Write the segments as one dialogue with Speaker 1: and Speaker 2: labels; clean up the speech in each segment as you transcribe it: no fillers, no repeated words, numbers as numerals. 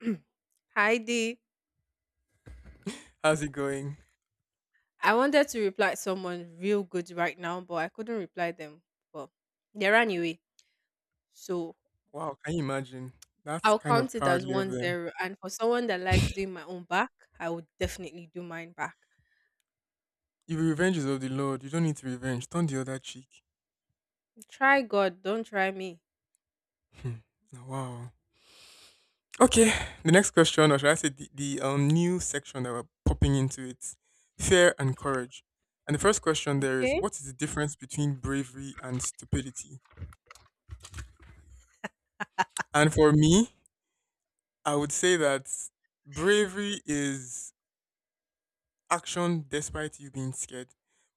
Speaker 1: Hi D.
Speaker 2: How's it going?
Speaker 1: I wanted to reply someone real good right now, but I couldn't reply them. But they ran away. So
Speaker 2: Wow, can you imagine? That's
Speaker 1: I'll
Speaker 2: kind of
Speaker 1: count it as
Speaker 2: cowardly of
Speaker 1: one
Speaker 2: them.
Speaker 1: zero. And for someone that likes doing my own back, I would definitely do mine back.
Speaker 2: If revenge is of the Lord, you don't need to revenge. Turn the other cheek.
Speaker 1: Try God, don't try me.
Speaker 2: Hmm. Wow. Okay, the next question, or should I say the new section that we're popping into, it's fear and courage. And the first question there is,
Speaker 1: Okay?
Speaker 2: what is the difference between bravery and stupidity? And for me, I would say that bravery is action despite you being scared,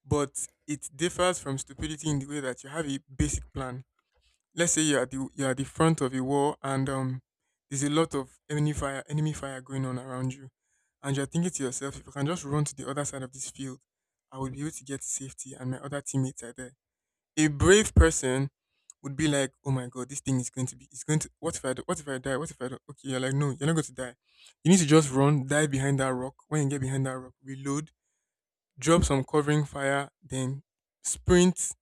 Speaker 2: but it differs from stupidity in the way that you have a basic plan. Let's say you're at the front of a wall, and there's a lot of enemy fire going on around you. And you're thinking to yourself, if I can just run to the other side of this field, I will be able to get to safety and my other teammates are there. A brave person would be like, oh my god, this thing is going to be, it's going to, what if I do, what if I die, what if I do, okay, you're like, no, you're not going to die. You need to just run, dive behind that rock. When you get behind that rock, reload, drop some covering fire, then sprint,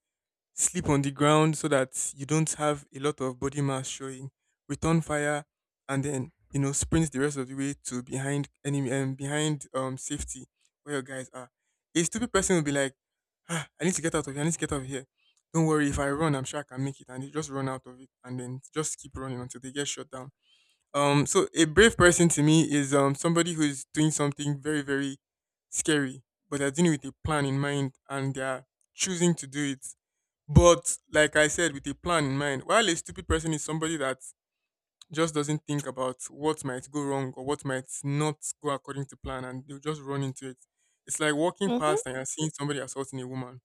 Speaker 2: sleep on the ground so that you don't have a lot of body mass showing, return fire, and then sprint the rest of the way to behind safety where your guys are. A stupid person will be like, ah, I need to get out of here. I need to get out of here. Don't worry, if I run, I'm sure I can make it. And they just run out of it, and then just keep running until they get shut down. So a brave person to me is somebody who is doing something very very scary, but they're doing it with a plan in mind and they're choosing to do it, but like I said, with a plan in mind, while a stupid person is somebody that just doesn't think about what might go wrong or what might not go according to plan, and they'll just run into it. It's like walking
Speaker 1: Mm-hmm.
Speaker 2: past and you're seeing somebody assaulting a woman.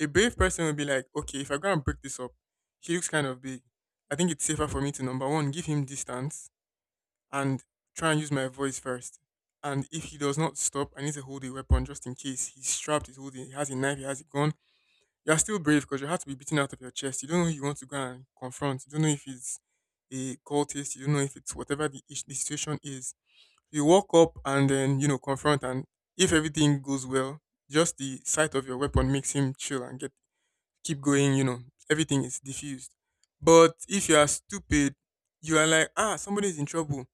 Speaker 2: A brave person will be like, okay, if I go and break this up, he looks kind of big. I think it's safer for me to number one, give him distance, and try and use my voice first. And if he does not stop, I need to hold a weapon just in case he's strapped, he's holding, he has a knife, he has a gun. You're still brave because you had to be beaten out of your chest. You don't know who you want to go and confront. You don't know if it's a cultist. You don't know if it's whatever the situation is. You walk up and then confront. And if everything goes well, just the sight of your weapon makes him chill and get keep going everything is diffused. But if you are stupid, you are like, ah, somebody's in trouble.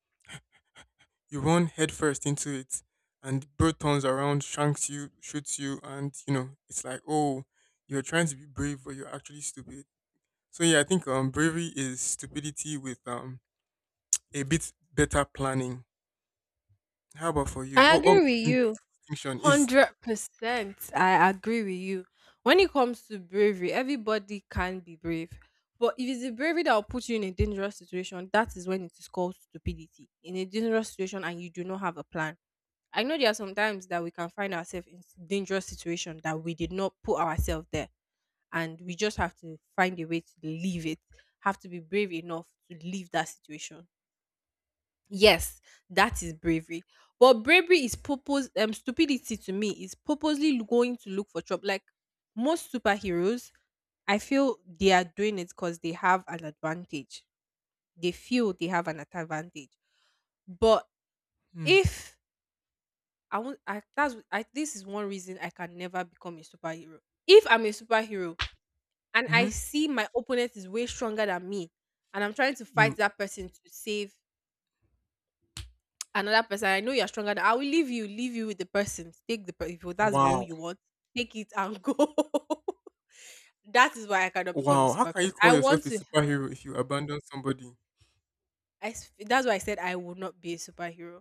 Speaker 2: You run headfirst into it, and the bird turns around, shanks you, shoots you, and it's like, oh, you're trying to be brave, but you're actually stupid. So yeah, I think bravery is stupidity with a bit better planning. How about for you?
Speaker 1: I
Speaker 2: What would
Speaker 1: agree
Speaker 2: you
Speaker 1: with
Speaker 2: think
Speaker 1: you.
Speaker 2: distinction is?
Speaker 1: 100%. I agree with you. When it comes to bravery, everybody can be brave. But if it's the bravery that will put you in a dangerous situation, that is when it is called stupidity. In a dangerous situation and you do not have a plan. I know there are some times that we can find ourselves in dangerous situation that we did not put ourselves there, and we just have to find a way to leave it. Have to be brave enough to leave that situation. Yes, that is bravery. But bravery is purpose stupidity to me is purposely going to look for trouble. Like most superheroes, I feel they are doing it because they have an advantage. They feel they have an advantage. But
Speaker 2: Mm.
Speaker 1: if I want, I, that's I, this is one reason I can never become a superhero. If I'm a superhero and I
Speaker 2: Mm-hmm.
Speaker 1: see my opponent is way stronger than me, and I'm trying to fight
Speaker 2: You.
Speaker 1: that person to save another person, I know you're stronger than I will leave you with the person. If that's all
Speaker 2: Wow.
Speaker 1: you want, take it and go. That is why I cannot become a
Speaker 2: Wow. How
Speaker 1: super
Speaker 2: can you
Speaker 1: person.
Speaker 2: call
Speaker 1: I want
Speaker 2: yourself a
Speaker 1: to
Speaker 2: superhero if you abandon somebody?
Speaker 1: That's why I said I will not be a superhero.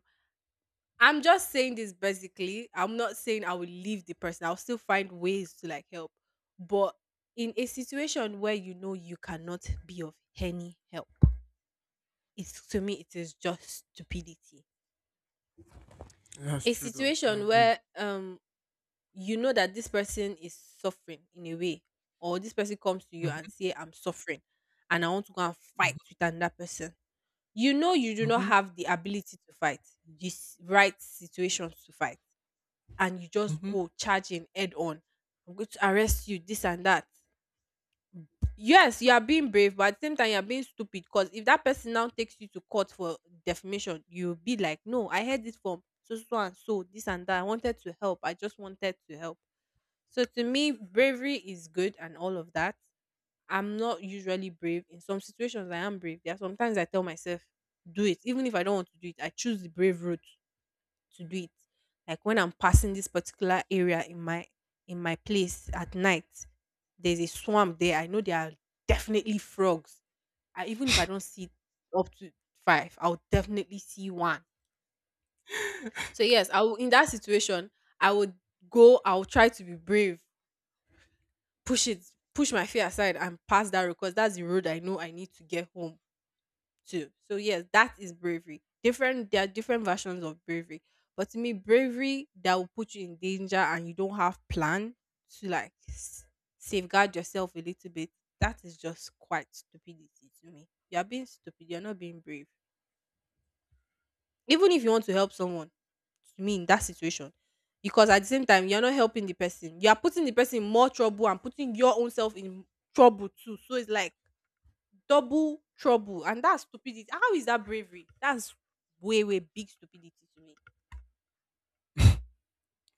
Speaker 1: I'm just saying this basically. I'm not saying I will leave the person. I'll still find ways to like help. But in a situation where you know you cannot be of any help, it's to me it is just stupidity.
Speaker 2: That's
Speaker 1: A
Speaker 2: true though. I
Speaker 1: situation
Speaker 2: agree.
Speaker 1: where you know that this person is suffering in a way, or this person comes to you
Speaker 2: Mm-hmm.
Speaker 1: and say, I'm suffering and I want to go and fight with another person. You know you do not
Speaker 2: Mm-hmm.
Speaker 1: have the ability to fight this right situations to fight, and you just
Speaker 2: Mm-hmm.
Speaker 1: go charging head on. I'm going to arrest you, this and that. Yes, you are being brave, but at the same time, you are being stupid. Because if that person now takes you to court for defamation, you'll be like, No, I heard this from so so so and so, this and that. I wanted to help. I just wanted to help. So to me, bravery is good and all of that. I'm not usually brave. In some situations, I am brave. There are sometimes I tell myself, do it. Even if I don't want to do it, I choose the brave route to do it. Like when I'm passing this particular area in my place at night, there's a swamp there. I know there are definitely frogs. Even if I don't see up to five, I'll definitely see one. So yes, I will, in that situation, I would go. I'll try to be brave, push it, push my fear aside and pass that road because that's the road I know I need to get home to. So yes, that is bravery. Different there are different versions of bravery. But to me, bravery that will put you in danger and you don't have plan to like safeguard yourself a little bit, that is just quite stupidity to me. You're being stupid, you're not being brave. Even if you want to help someone, to me, in that situation, because at the same time you're not helping the person, you are putting the person in more trouble and putting your own self in trouble too. So it's like double trouble, and that's stupidity. How is that bravery? That's way way big stupidity to me.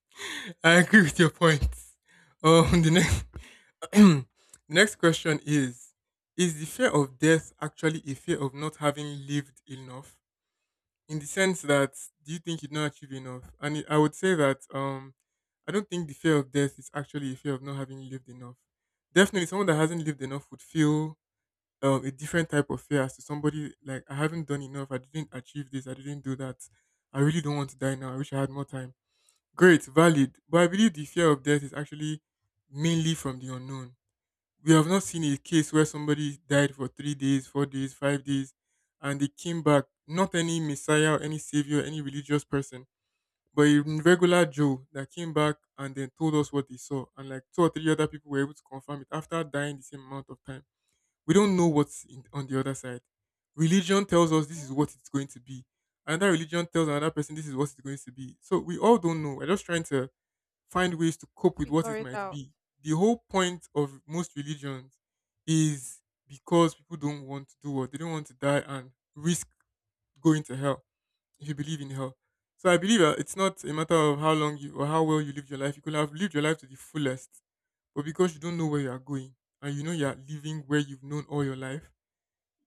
Speaker 2: I agree with your point. The next Next question is: is the fear of death actually a fear of not having lived enough? In the sense that, do you think you don't achieve enough? I would say that I don't think the fear of death is actually a fear of not having lived enough. Definitely, someone that hasn't lived enough would feel a different type of fear as to somebody like, I haven't done enough, I didn't achieve this, I didn't do that. I really don't want to die now, I wish I had more time. Great, valid. But I believe the fear of death is actually mainly from the unknown. We have not seen a case where somebody died for 3 days, 4 days, 5 days, and they came back. Not any messiah, or any savior, any religious person, but a regular Joe that came back and then told us what they saw. And like two or three other people were able to confirm it after dying the same amount of time. We don't know what's in, on the other side. Religion tells us this is
Speaker 1: Hmm.
Speaker 2: what it's going to be. Another religion tells another person this is what it's going to be. So we all don't know. We're just trying to find ways to cope with what
Speaker 1: Figure
Speaker 2: it
Speaker 1: it
Speaker 2: might
Speaker 1: out.
Speaker 2: be. The whole point of most religions is because people don't want to do what they don't want to die and risk going to hell, if you believe in hell. So I believe that it's not a matter of how long you or how well you live your life. You could have lived your life to the fullest, but because you don't know where you are going, and you know you are living where you've known all your life,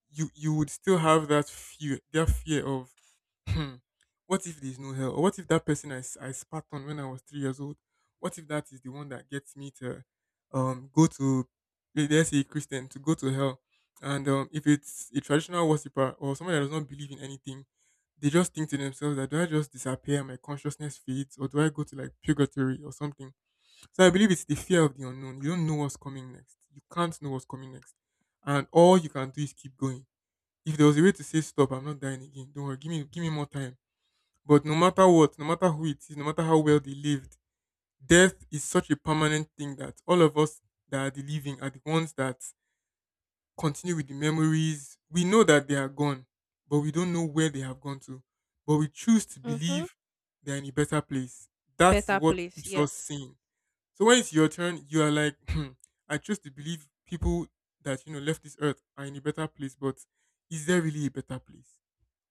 Speaker 2: you would still have that fear of hmm, what if there's no hell? Or what if that person I spat on when I was 3 years old? What if that is the one that gets me to go to, let's say Christian, to go to hell? And if it's a traditional worshiper or someone that does not believe in anything, they just think to themselves, that do I just disappear, and my consciousness fades, or do I go to like purgatory or something? So I believe it's the fear of the unknown. You don't know what's coming next. You can't know what's coming next, and all you can do is keep going. If there was a way to say stop, I'm not dying again. Don't worry, give me more time, but no matter what, no matter who it is, no matter how well they lived, death is such a permanent thing that all of us that are the living are the ones that continue with the memories. We know that they are gone, but we don't know where they have gone to. But we choose to
Speaker 1: Mm-hmm.
Speaker 2: believe they're in a better place. That is
Speaker 1: Better
Speaker 2: what
Speaker 1: place,
Speaker 2: keeps us
Speaker 1: yes.
Speaker 2: sane. So when it's your turn, you are like, I choose to believe people that you know left this earth are in a better place, but is there really a better place?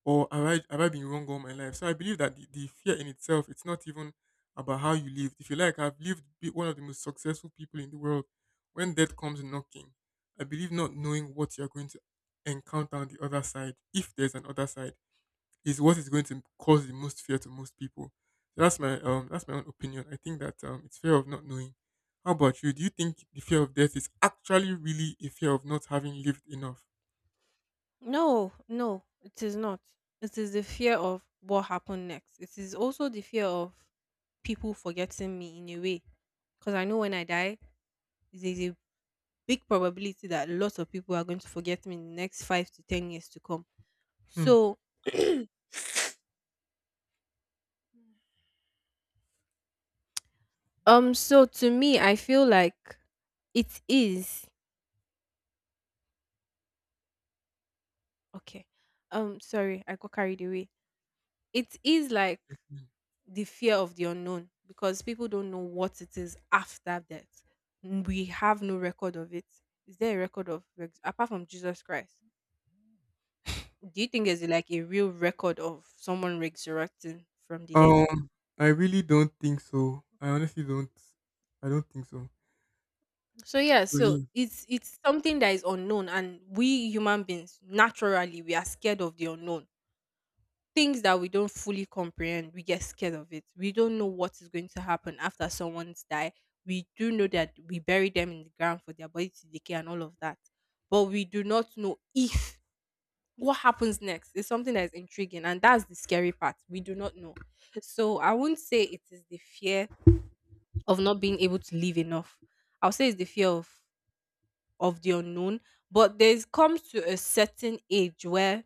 Speaker 2: Or have I been wrong all my life? So I believe that the fear in itself, it's not even about how you lived. If you like, I've one of the most successful people in the world. When death comes knocking, I believe not knowing what you're going to encounter on the other side, if there's an other side, is what is going to cause the most fear to most people. So that's my own opinion. I think that it's fear of not knowing. How about you? Do you think the fear of death is actually really a fear of not having lived enough?
Speaker 1: No, no, it is not. It is the fear of what happened next. It is also the fear of people forgetting me in a way. Because I know when I die, there's a big probability that lots of people are going to forget me in the next 5 to 10 years to come.
Speaker 2: Hmm.
Speaker 1: So, to me, I feel like it is okay. Sorry, I got carried away. It is like the fear of the unknown because people don't know what it is after death. We have no record of it. Is there a record of apart from Jesus Christ? Do you think there's like a real record of someone resurrecting from the dead?
Speaker 2: Um, I really don't think so. I honestly don't. I don't think so.
Speaker 1: So yeah,
Speaker 2: So
Speaker 1: so
Speaker 2: yeah,
Speaker 1: it's something that is unknown, and we human beings naturally we are scared of the unknown things that we don't fully comprehend, we get scared of it. We don't know what is going to happen after someone's die. We do know that we bury them in the ground for their body to decay and all of that. But we do not know if what happens next is something that is intriguing. And that's the scary part. We do not know. So I won't say it is the fear of not being able to live enough. I'll say it's the fear of the unknown. But there's comes to a certain age where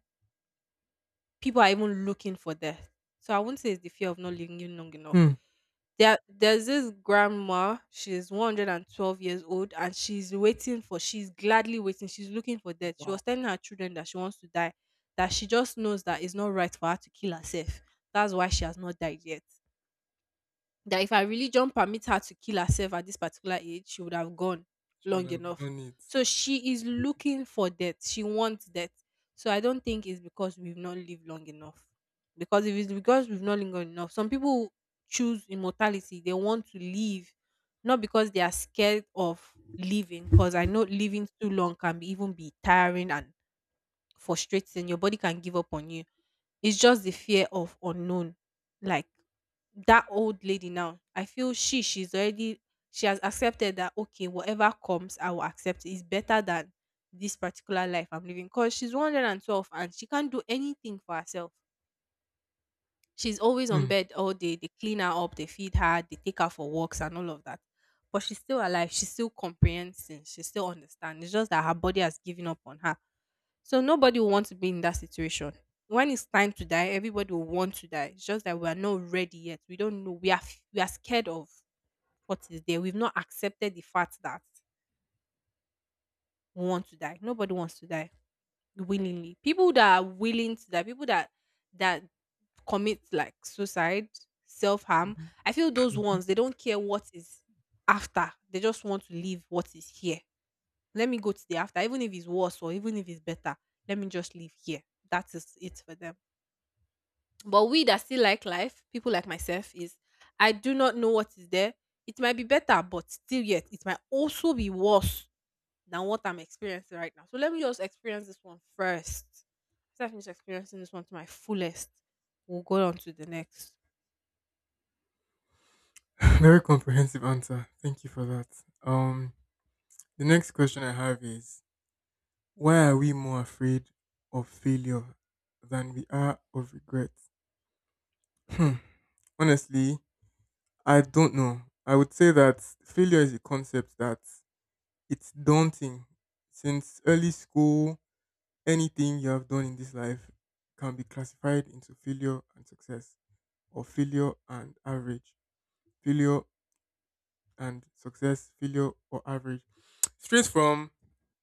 Speaker 1: people are even looking for death. So I wouldn't say it's the fear of not living long enough.
Speaker 2: hmm.
Speaker 1: There's this grandma. She's 112 years old, and she's waiting for. She's gladly waiting. She's looking for death. She was telling her children that she wants to die. That she just knows that it's not right for her to kill herself. That's why she has not died yet, that if her religion permits her to kill herself at this particular age, she would have gone
Speaker 2: She
Speaker 1: long
Speaker 2: will have
Speaker 1: enough.
Speaker 2: done it.
Speaker 1: So she is looking for death. She wants death. So I don't think it's because we've not lived long enough. Because if it's because we've not lived long enough, some people choose immortality. They want to live, not because they are scared of living. Because I know living too long can be, even be tiring and frustrating. Your body can give up on you. It's just the fear of unknown. Like that old lady now, I feel she's already, she has accepted that okay, whatever comes I will accept is better than this particular life I'm living, because she's 112 and she can't do anything for herself. She's always on
Speaker 2: Hmm.
Speaker 1: bed all day. They clean her up, they feed her, they take her for walks and all of that. But she's still alive. She's still comprehending. She still understands. It's just that her body has given up on her. So nobody will want to be in that situation. When it's time to die, everybody will want to die. It's just that we are not ready yet. We don't know. We are scared of what is there. We've not accepted the fact that we want to die. Nobody wants to die willingly. People that are willing to die, people that commit like suicide, self harm,
Speaker 2: Mhm.
Speaker 1: I feel those
Speaker 2: Mhm.
Speaker 1: ones they don't care what is after. They just want to leave what is here. Let me go to the after, even if it's worse or even if it's better. Let me just live here. That is it for them. But we that still like life, people like myself, is I do not know what is there. It might be better, but still yet it might also be worse than what I'm experiencing right now. So let me just experience this one first. After I finish experiencing this one to my fullest, we'll go on to the next.
Speaker 2: Very comprehensive answer. Thank you for that. Um, the next question I have is: why are we more afraid of failure than we are of regret? Hmm. Honestly, I don't know. I would say that failure is a concept that it's daunting since early school. Anything you have done in this life can be classified into failure and success, or failure and average, failure and success, failure or average. Straight from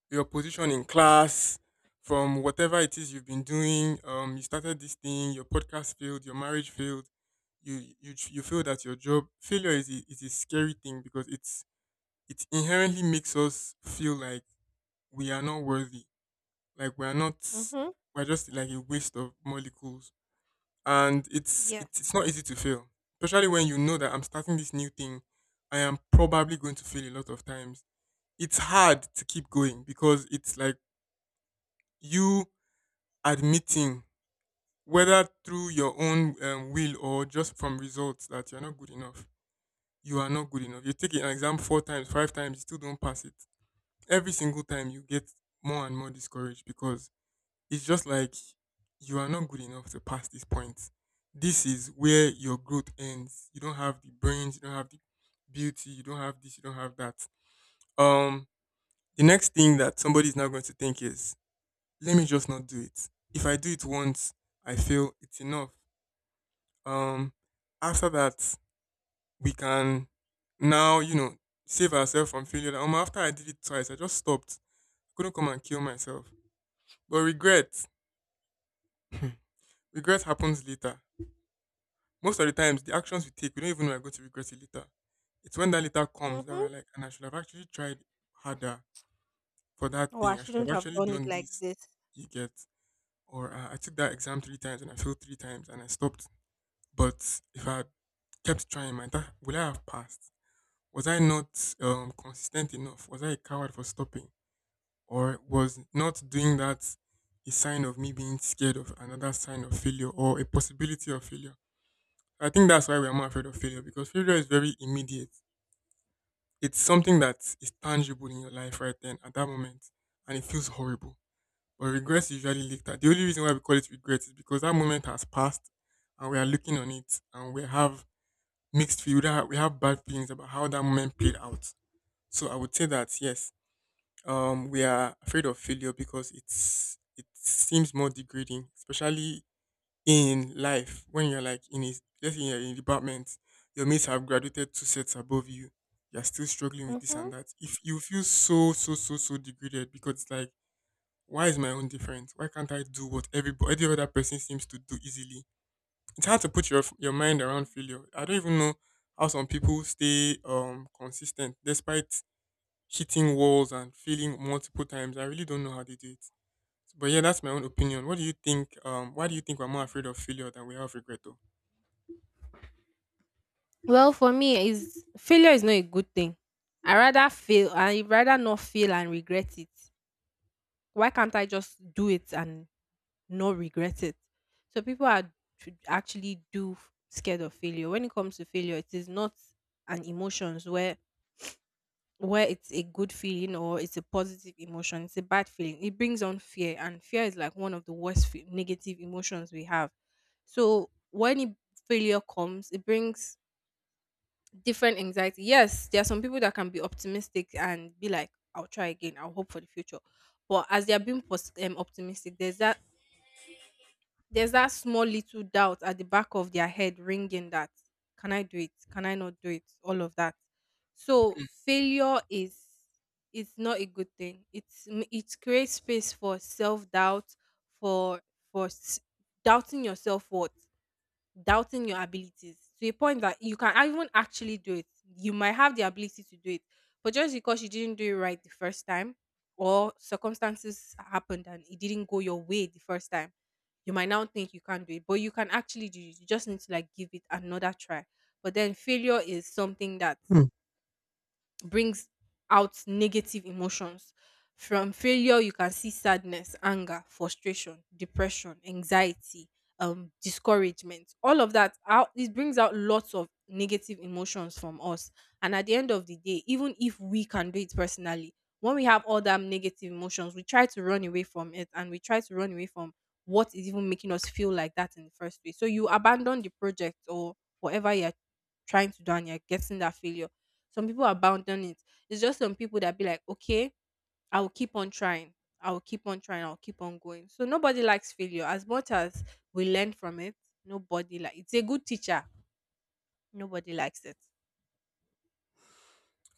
Speaker 2: your position in class, from whatever it is you've been doing, you started this thing, your podcast failed, your marriage failed, you failed at your job. Failure is a, scary thing because it inherently makes us feel like we are not worthy, like we are not,
Speaker 1: Mhm.
Speaker 2: we're just like a waste of molecules, and it's
Speaker 1: Yeah.
Speaker 2: it's it's not easy to fail, especially when you know that I'm starting this new thing. I am probably going to fail a lot of times. It's hard to keep going because it's like you admitting, whether through your own will or just from results, that you're not good enough. You are not good enough. You take an exam four times, five times, you still don't pass it. Every single time, you get more and more discouraged because it's just like you are not good enough to pass this point. This is where your growth ends. You don't have the brains, you don't have the beauty, you don't have this, you don't have that. Um, the next thing that somebody is now going to think is, let me just not do it. If I do it once, I feel it's enough. Um, After that, we can now save ourselves from failure. That, after I did it twice, I just stopped. Couldn't come and kill myself. But regret, regret happens later. Most of the times, the actions we take, we don't even know we're going to regret it later. It's when that later comes that we're
Speaker 1: Mhm.
Speaker 2: like, and I should have actually tried harder for that
Speaker 1: Oh, I
Speaker 2: thing. I should
Speaker 1: shouldn't
Speaker 2: have
Speaker 1: have
Speaker 2: actually
Speaker 1: done it
Speaker 2: done
Speaker 1: like
Speaker 2: this.
Speaker 1: this.
Speaker 2: You get, or I took that exam three times and I failed three times and I stopped. But if I had kept trying, my that would I have passed? Was I not consistent enough? Was I a coward for stopping, or was not doing that a sign of me being scared of another sign of failure or a possibility of failure? I think that's why we're more afraid of failure, because failure is very immediate. It's something that is tangible in your life right then at that moment, and it feels horrible. But regrets usually later. The only reason why we call it regret is because that moment has passed, and we are looking on it, and we have mixed feelings. We have bad feelings about how that moment played out. So I would say that yes, we are afraid of failure because it seems more degrading, especially in life when you're like in a let's say you're in a department, your mates have graduated two sets above you, you're still struggling with this
Speaker 1: Mhm.
Speaker 2: and that. If you feel so so so so degraded because it's like why is my own different? Why can't I do what everybody every other person seems to do easily? It's hard to put your mind around failure. I don't even know how some people stay consistent despite hitting walls and failing multiple times. I really don't know how they do it. But yeah, that's my own opinion. What do you think? Why do you think we're more afraid of failure than we are of regret? Though?
Speaker 1: Well, for me, is failure is not a good thing. I rather fail. I rather not fail and regret it. Why can't I just do it and not regret it? So people are actually scared of failure. When it comes to failure, it is not an emotions where it's a good feeling or it's a positive emotion. It's a bad feeling, it brings on fear, and fear is like one of the worst negative emotions we have. So when failure comes, it brings different anxiety. Yes, there are some people that can be optimistic and be like, I'll try again, I'll hope for the future. But as they are being optimistic, there's that small little doubt at the back of their head ringing that, can I do it, can I not do it, all of that. So failure is not a good thing. It creates space for self doubt, for for doubting yourself worth, doubting your abilities to a point that you can even actually do it. You might have the ability to do it, but just because you didn't do it right the first time, or circumstances happened and it didn't go your way the first time, you might now think you can't do it, but you can actually do it. You just need to like give it another try. But then failure is something that
Speaker 2: Hmm.
Speaker 1: brings out negative emotions. From failure, you can see sadness, anger, frustration, depression, anxiety, discouragement. All of that out it brings out lots of negative emotions from us. And at the end of the day, even if we can do it personally, when we have all them negative emotions, we try to run away from it and we try to run away from what is even making us feel like that in the first place. So you abandon the project or whatever you're trying to do and you're getting that failure, some people abandon it. It's just some people that be like, okay, I will keep on trying. I will keep on trying. I'll keep on going. So nobody likes failure. As much as we learn from it, nobody like it's a good teacher. Nobody likes it.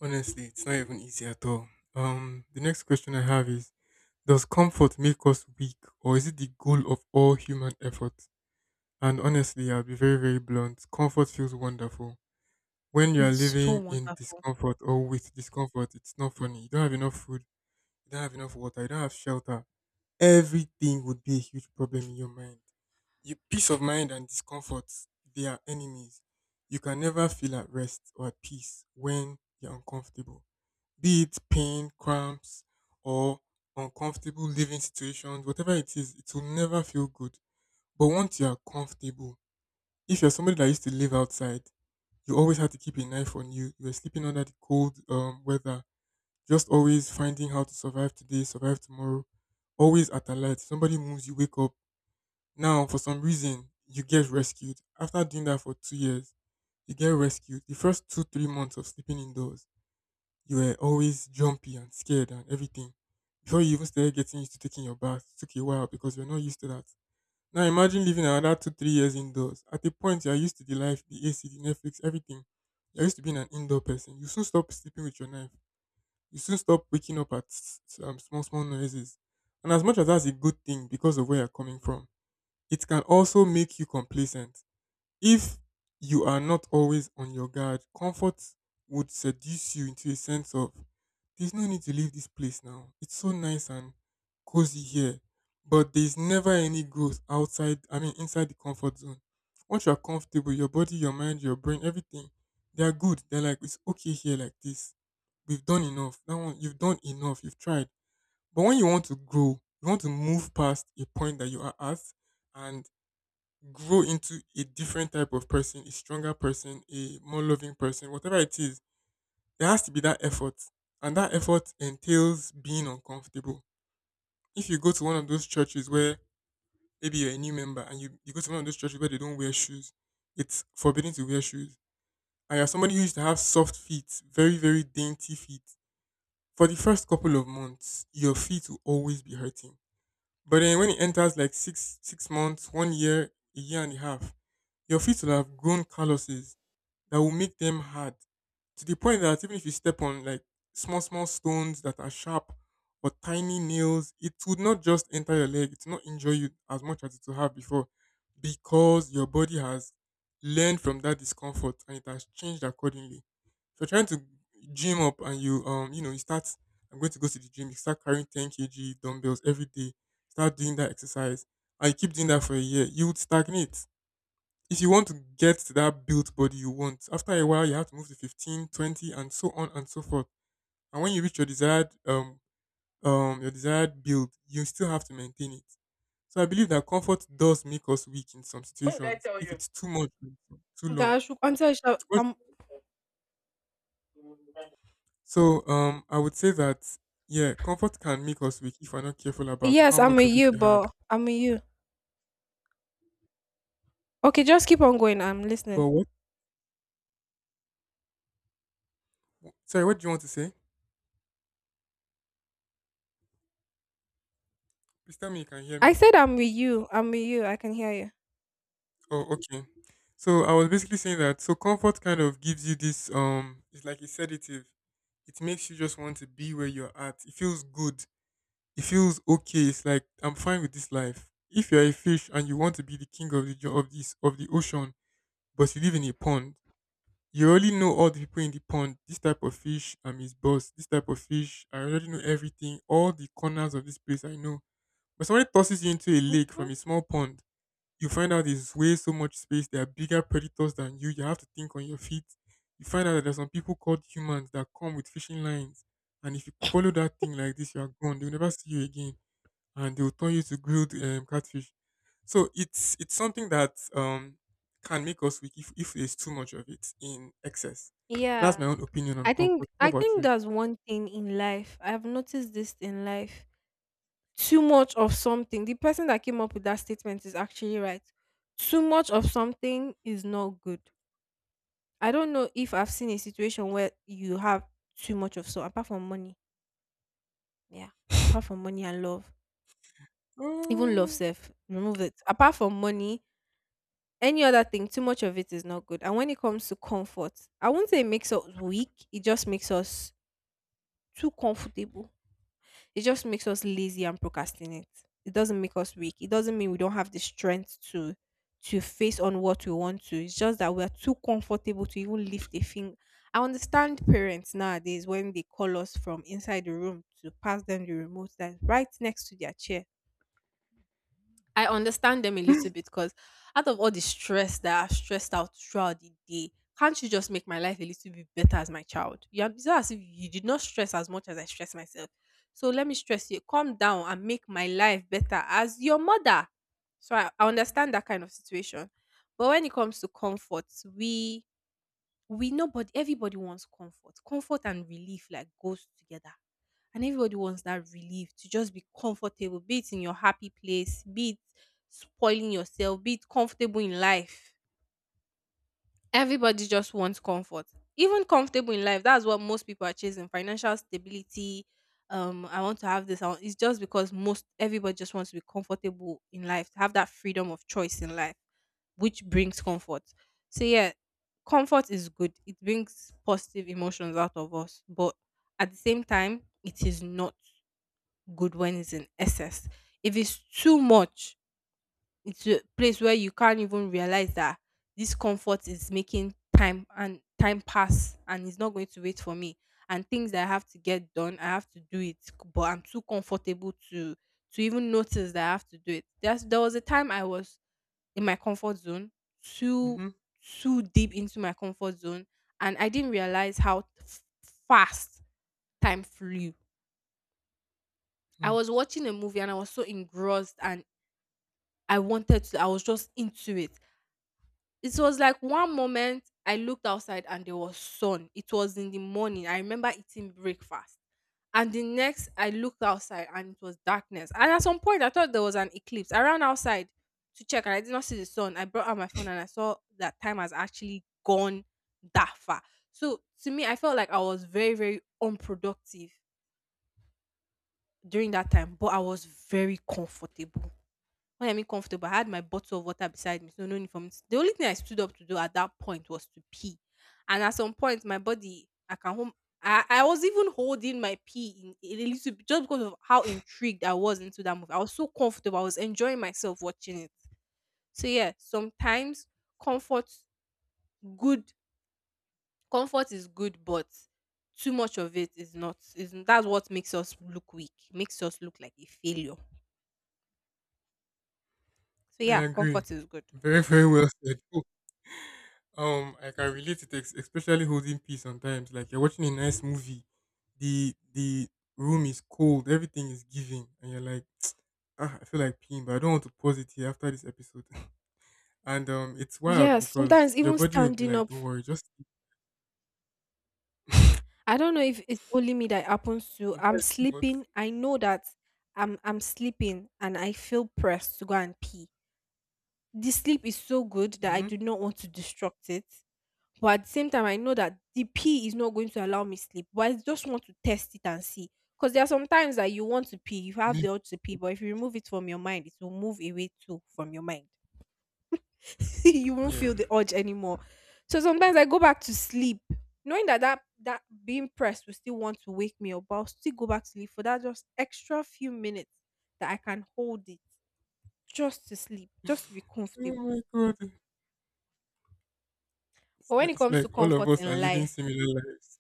Speaker 2: Honestly, it's not even easy at all. The next question I have is, does comfort make us weak, or is it the goal of all human effort? And honestly, I'll be very, very blunt. Comfort feels wonderful. When you are
Speaker 1: It's so
Speaker 2: living in
Speaker 1: wonderful.
Speaker 2: discomfort or with discomfort, it's not funny. You don't have enough food, you don't have enough water, you don't have shelter. Everything would be a huge problem in your mind. Your peace of mind and discomfort, they are enemies. You can never feel at rest or at peace when you're uncomfortable, be it pain, cramps, or uncomfortable living situations. Whatever it is, it will never feel good. But once you are comfortable, if you're somebody that used to live outside, you always had to keep a knife on you. You were sleeping under the cold weather, just always finding how to survive today, survive tomorrow, always at alert. Somebody moves, you wake up. Now, for some reason, you get rescued. After doing that for two years, you get rescued. The first two, three months of sleeping indoors, you were always jumpy and scared and everything. Before you even started getting used to taking your bath, it took you a while, because you're not used to that. Now imagine living another two, three years indoors. At a point, you're used to the life, the AC, the Netflix, everything. You're used to being an indoor person. You soon stop sleeping with your knife. You soon stop waking up at small, small noises. And as much as that's a good thing because of where you're coming from, it can also make you complacent. If you are not always on your guard, comfort would seduce you into a sense of there's no need to leave this place now. It's so nice and cozy here. But there's never any growth outside, I mean, inside the comfort zone. Once you're comfortable, your body, your mind, your brain, everything, they are good. They're like, it's okay here like this. We've done enough. That one, you've done enough. You've tried. But when you want to grow, you want to move past a point that you are at and grow into a different type of person, a stronger person, a more loving person, whatever it is, there has to be that effort. And that effort entails being uncomfortable. If you go to one of those churches where maybe you're a new member and you go to one of those churches where they don't wear shoes, it's forbidden to wear shoes. And you're somebody who used to have soft feet, very, very dainty feet. For the first couple of months, your feet will always be hurting. But then when it enters like six months, one year, a year and a half, your feet will have grown calluses that will make them hard to the point that even if you step on like small, small stones that are sharp or tiny nails, it would not just enter your leg, it will not injure you as much as it would have before, because your body has learned from that discomfort and it has changed accordingly. If you're trying to gym up and you you start, I'm going to go to the gym, you start carrying 10 kg dumbbells every day, start doing that exercise, and you keep doing that for a year, you would stagnate. If you want to get to that built body you want, after a while you have to move to 15, 20, and so on and so forth. And when you reach your desired build, you still have to maintain it. So I believe that comfort does make us weak in some situations if it's too much or too
Speaker 1: That
Speaker 2: long.
Speaker 1: I should answer.
Speaker 2: What- So I would say that yeah, comfort can make us weak if we're not careful about
Speaker 1: Yes,
Speaker 2: how
Speaker 1: I'm
Speaker 2: much
Speaker 1: with
Speaker 2: of it
Speaker 1: you,
Speaker 2: we have.
Speaker 1: but I'm with you. Okay, just keep on going. I'm listening.
Speaker 2: But what, sorry, what do you want to say? Please tell me you can hear
Speaker 1: I
Speaker 2: me.
Speaker 1: said I'm with you. I'm with you. I can hear you.
Speaker 2: Oh, okay. So I was basically saying that so comfort kind of gives you this it's like a sedative. It makes you just want to be where you're at. It feels good. It feels okay. It's like I'm fine with this life. If you're a fish and you want to be the king of the jo- of this of the ocean, but you live in a pond, you already know all the people in the pond. This type of fish, I'm his boss. This type of fish, I already know everything. All the corners of this place I know. But somebody tosses you into a lake from
Speaker 1: Hmm.
Speaker 2: a small pond, you find out there's way so much space. There are bigger predators than you. You have to think on your feet. You find out that there's some people called humans that come with fishing lines, and if you follow that thing like this, you are gone. They'll never see you again, and they'll turn you to grilled catfish. So it's something that can make us weak if there's too much of it in excess. That's my
Speaker 1: Yeah.
Speaker 2: own opinion on
Speaker 1: I think
Speaker 2: comfort. How
Speaker 1: I
Speaker 2: about
Speaker 1: think
Speaker 2: you?
Speaker 1: that's one thing in life. I've noticed this in life. Too much of something. The person that came up with that statement is actually right. Too much of something is not good. I don't know if I've seen a situation where you have too much of so apart from money. Yeah. Apart from money and love. Even love
Speaker 2: Oh,
Speaker 1: self. Remove it. Apart from money, any other thing, too much of it is not good. And when it comes to comfort, I won't say it makes us weak, it just makes us too comfortable. It just makes us lazy and procrastinate. It doesn't make us weak. It doesn't mean we don't have the strength to face on what we want to. It's just that we're too comfortable to even lift a finger. I understand parents nowadays when they call us from inside the room to pass them the remote that's right next to their chair. I understand them a little bit because out of all the stress that I've stressed out throughout the day, can't you just make my life a little bit better as my child? You are, it's not as if you did not stress as much as I stress myself. So let me stress you. Calm down and make my life better as your mother. So I understand that kind of situation. But when it comes to comfort, we we nobody everybody wants comfort. Comfort and relief like goes together, and everybody wants that relief to just be comfortable, be it in your happy place, be it spoiling yourself, be it comfortable in life. Everybody just wants comfort. Even comfortable in life, that's what most people are chasing. Financial stability. I want to have this. I want, it's just because most everybody just wants to be comfortable in life, to have that freedom of choice in life, which brings comfort. So yeah, comfort is good. It brings positive emotions out of us, but at the same time, it is not good when it's in excess. If it's too much, it's a place where you can't even realize that this comfort is making time and time pass and it's not going to wait for me. And things that I have to get done, I have to do it, but I'm too comfortable to even notice that I have to do it. There was a time I was in my comfort zone, too
Speaker 2: mm-hmm.
Speaker 1: too deep into my comfort zone, and I didn't realize how fast time flew. I was watching a movie and I was so engrossed and I wanted to, I was just into it. It was like one moment I looked outside and there was sun. It was in the morning. I remember eating breakfast. And the next I looked outside and it was darkness. And at some point I thought there was an eclipse. I ran outside to check and I did not see the sun. I brought out my phone and I saw that time has actually gone that far. So to me, I felt like I was very, very unproductive during that time, but I was very comfortable. What I mean comfortable, I had my bottle of water beside me, so no need for me. To, the only thing I stood up to do at that point was to pee, and at some point, my body, I can home. I was even holding my pee in a little bit just because of how intrigued I was into that movie. I was so comfortable. I was enjoying myself watching it. So yeah, sometimes comfort good comfort is good, but too much of it is not. Is That's what makes us look weak, makes us look like a failure. So
Speaker 2: I
Speaker 1: yeah,
Speaker 2: agree.
Speaker 1: comfort is good.
Speaker 2: Very very well said. Like, I can relate to especially holding pee sometimes. Like you're watching a nice movie, the room is cold, everything is giving, and you're like, ah, I feel like peeing, but I don't want to pause it here after this episode. And it's wild
Speaker 1: Yes, sometimes
Speaker 2: because your
Speaker 1: even
Speaker 2: body will be
Speaker 1: standing
Speaker 2: like,
Speaker 1: up,
Speaker 2: don't worry, just
Speaker 1: I don't know if it's only me that it happens to. I'm
Speaker 2: sometimes. But
Speaker 1: sleeping. I know that I'm sleeping and I feel pressed to go and pee. The sleep is so good that I
Speaker 2: mm-hmm.
Speaker 1: do not want to disrupt it. But at the same time, I know that the pee is not going to allow me sleep. But I just want to test it and see. Because there are some times that you want to pee, you have
Speaker 2: Me,
Speaker 1: the urge to pee, but if you remove it from your mind, it will move away too from your mind. You won't
Speaker 2: yeah.
Speaker 1: feel the urge anymore. So sometimes I go back to sleep, knowing that that being pressed will still want to wake me up, but I'll still go back to sleep for that just extra few minutes that I can hold it, just to sleep, just to be comfortable.
Speaker 2: Oh my god,
Speaker 1: But when it
Speaker 2: it's
Speaker 1: comes
Speaker 2: like
Speaker 1: to
Speaker 2: all of
Speaker 1: comfort
Speaker 2: us are
Speaker 1: in
Speaker 2: living
Speaker 1: life,
Speaker 2: similar lives.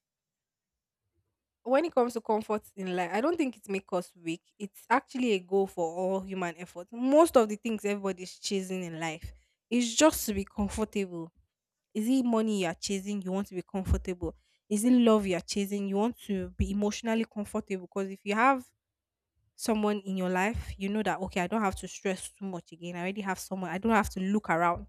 Speaker 1: When it comes to comfort in life, I don't think it makes us weak. It's actually a goal for all human effort. Most of the things everybody's chasing in life is just to be comfortable. Is it money you're chasing? You want to be comfortable. Is it love you're chasing? You want to be emotionally comfortable. Because if you have someone in your life, you know that, okay, I don't have to stress too much again. I already have someone. I don't have to look around.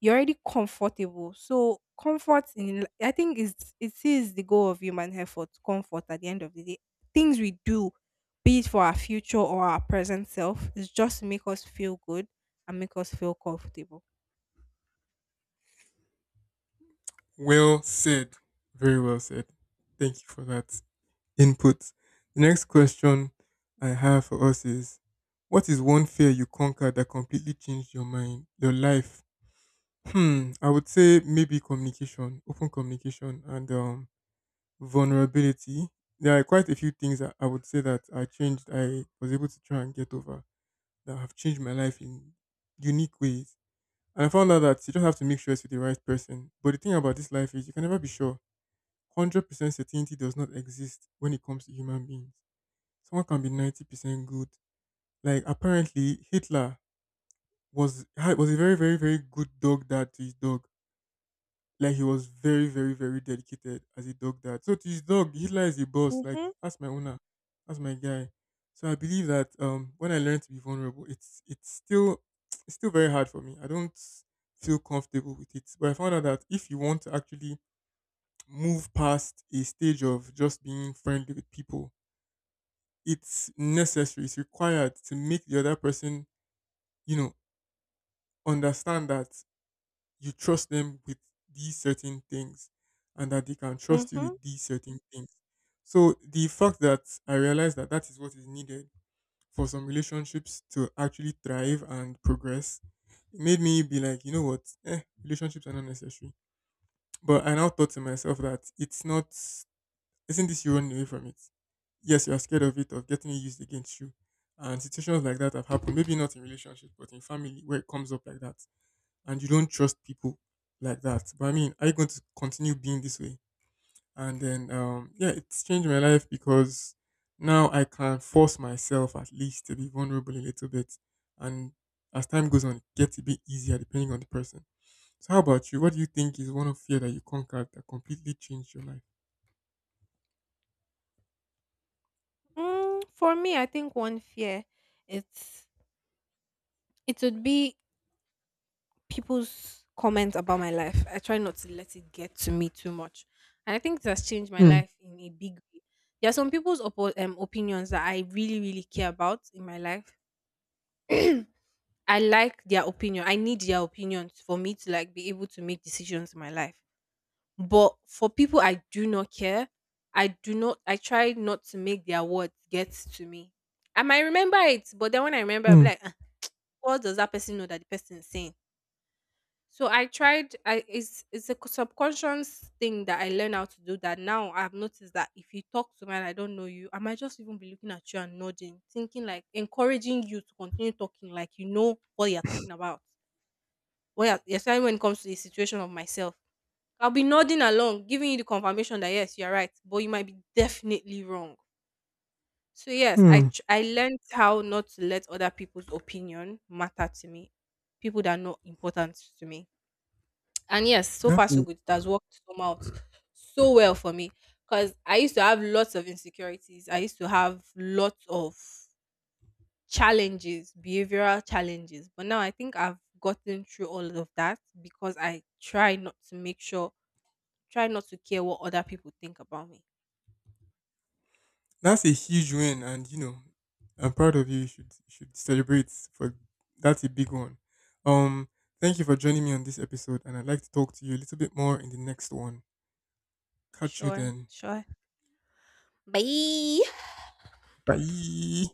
Speaker 1: You're already comfortable. So, I think it is the goal of human effort, comfort at the end of the day. Things we do, be it for our future or our present self, is just to make us feel good and make us feel comfortable.
Speaker 2: Well said, very well said. Thank you for that input. The next question I have for us is, what is one fear you conquered that completely changed your mind, your life? Hmm, I would say maybe communication, open communication and vulnerability. There are quite a few things that I would say that I changed I was able to try and get over that have changed my life in unique ways. And I found out that you just have to make sure it's with the right person. But the thing about this life is you can never be sure. 100% certainty does not exist when it comes to human beings. Someone can be 90% good. Like apparently Hitler was a very very very good dog dad to his dog. Like he was very very very dedicated as a dog dad. So to his dog, Hitler is a boss. Like
Speaker 1: Mm-hmm.
Speaker 2: that's my owner, that's my guy. So I believe that when I learned to be vulnerable, it's still it's still very hard for me. I don't feel comfortable with it. But I found out that if you want to actually move past a stage of just being friendly with people, it's necessary, it's required to make the other person, you know, understand that you trust them with these certain things and that they can trust you
Speaker 1: Mm-hmm.
Speaker 2: with these certain things. So the fact that I realized that that is what is needed for some relationships to actually thrive and progress, it made me be like, you know what, eh, relationships are not necessary. But I now thought to myself that it's not, isn't this you running away from it? Yes, you are scared of it, of getting it used against you. And situations like that have happened, maybe not in relationships, but in family where it comes up like that and you don't trust people like that. But I mean, are you going to continue being this way? And then, yeah, it's changed my life because now I can force myself at least to be vulnerable a little bit. And as time goes on, it gets a bit easier depending on the person. So, how about you? What do you think is one of fear that you conquered that completely changed your life?
Speaker 1: Mm, for me, I think one fear it's it would be people's comments about my life. I try not to let it get to me too much, and I think it has changed my
Speaker 2: Hmm.
Speaker 1: life in a big way. There are some people's opinions that I really, really care about in my life. I like their opinion. I need their opinions for me to like be able to make decisions in my life. But for people I do not care, I do not. I try not to make their words get to me. I might remember it, but then when I remember, I'll be
Speaker 2: Hmm.
Speaker 1: like, what does that person know that the person is saying? So I tried. I It's a subconscious thing that I learned how to do. That now I've noticed that if you talk to me and I don't know you, I might just even be looking at you and nodding, thinking like encouraging you to continue talking, like you know what you're talking about. What you're, especially when it comes to the situation of myself, I'll be nodding along, giving you the confirmation that yes, you're right, but you might be definitely wrong. So yes,
Speaker 2: Hmm.
Speaker 1: I learned how not to let other people's opinion matter to me, people that are not important to me. And yes, so far
Speaker 2: That's
Speaker 1: so
Speaker 2: a—
Speaker 1: good. It has worked so out so well for me because I used to have lots of insecurities. I used to have lots of challenges, behavioral challenges. But now I think I've gotten through all of that because I try not to make sure, try not to care what other people think about me.
Speaker 2: that's a huge win, and you know, I'm proud of you. You should, you should celebrate, for that's a big one. Um, Thank you for joining me on this episode, and I'd like to talk to you a little bit more in the next one. Catch you
Speaker 1: Sure,
Speaker 2: then.
Speaker 1: sure. Bye.
Speaker 2: Bye.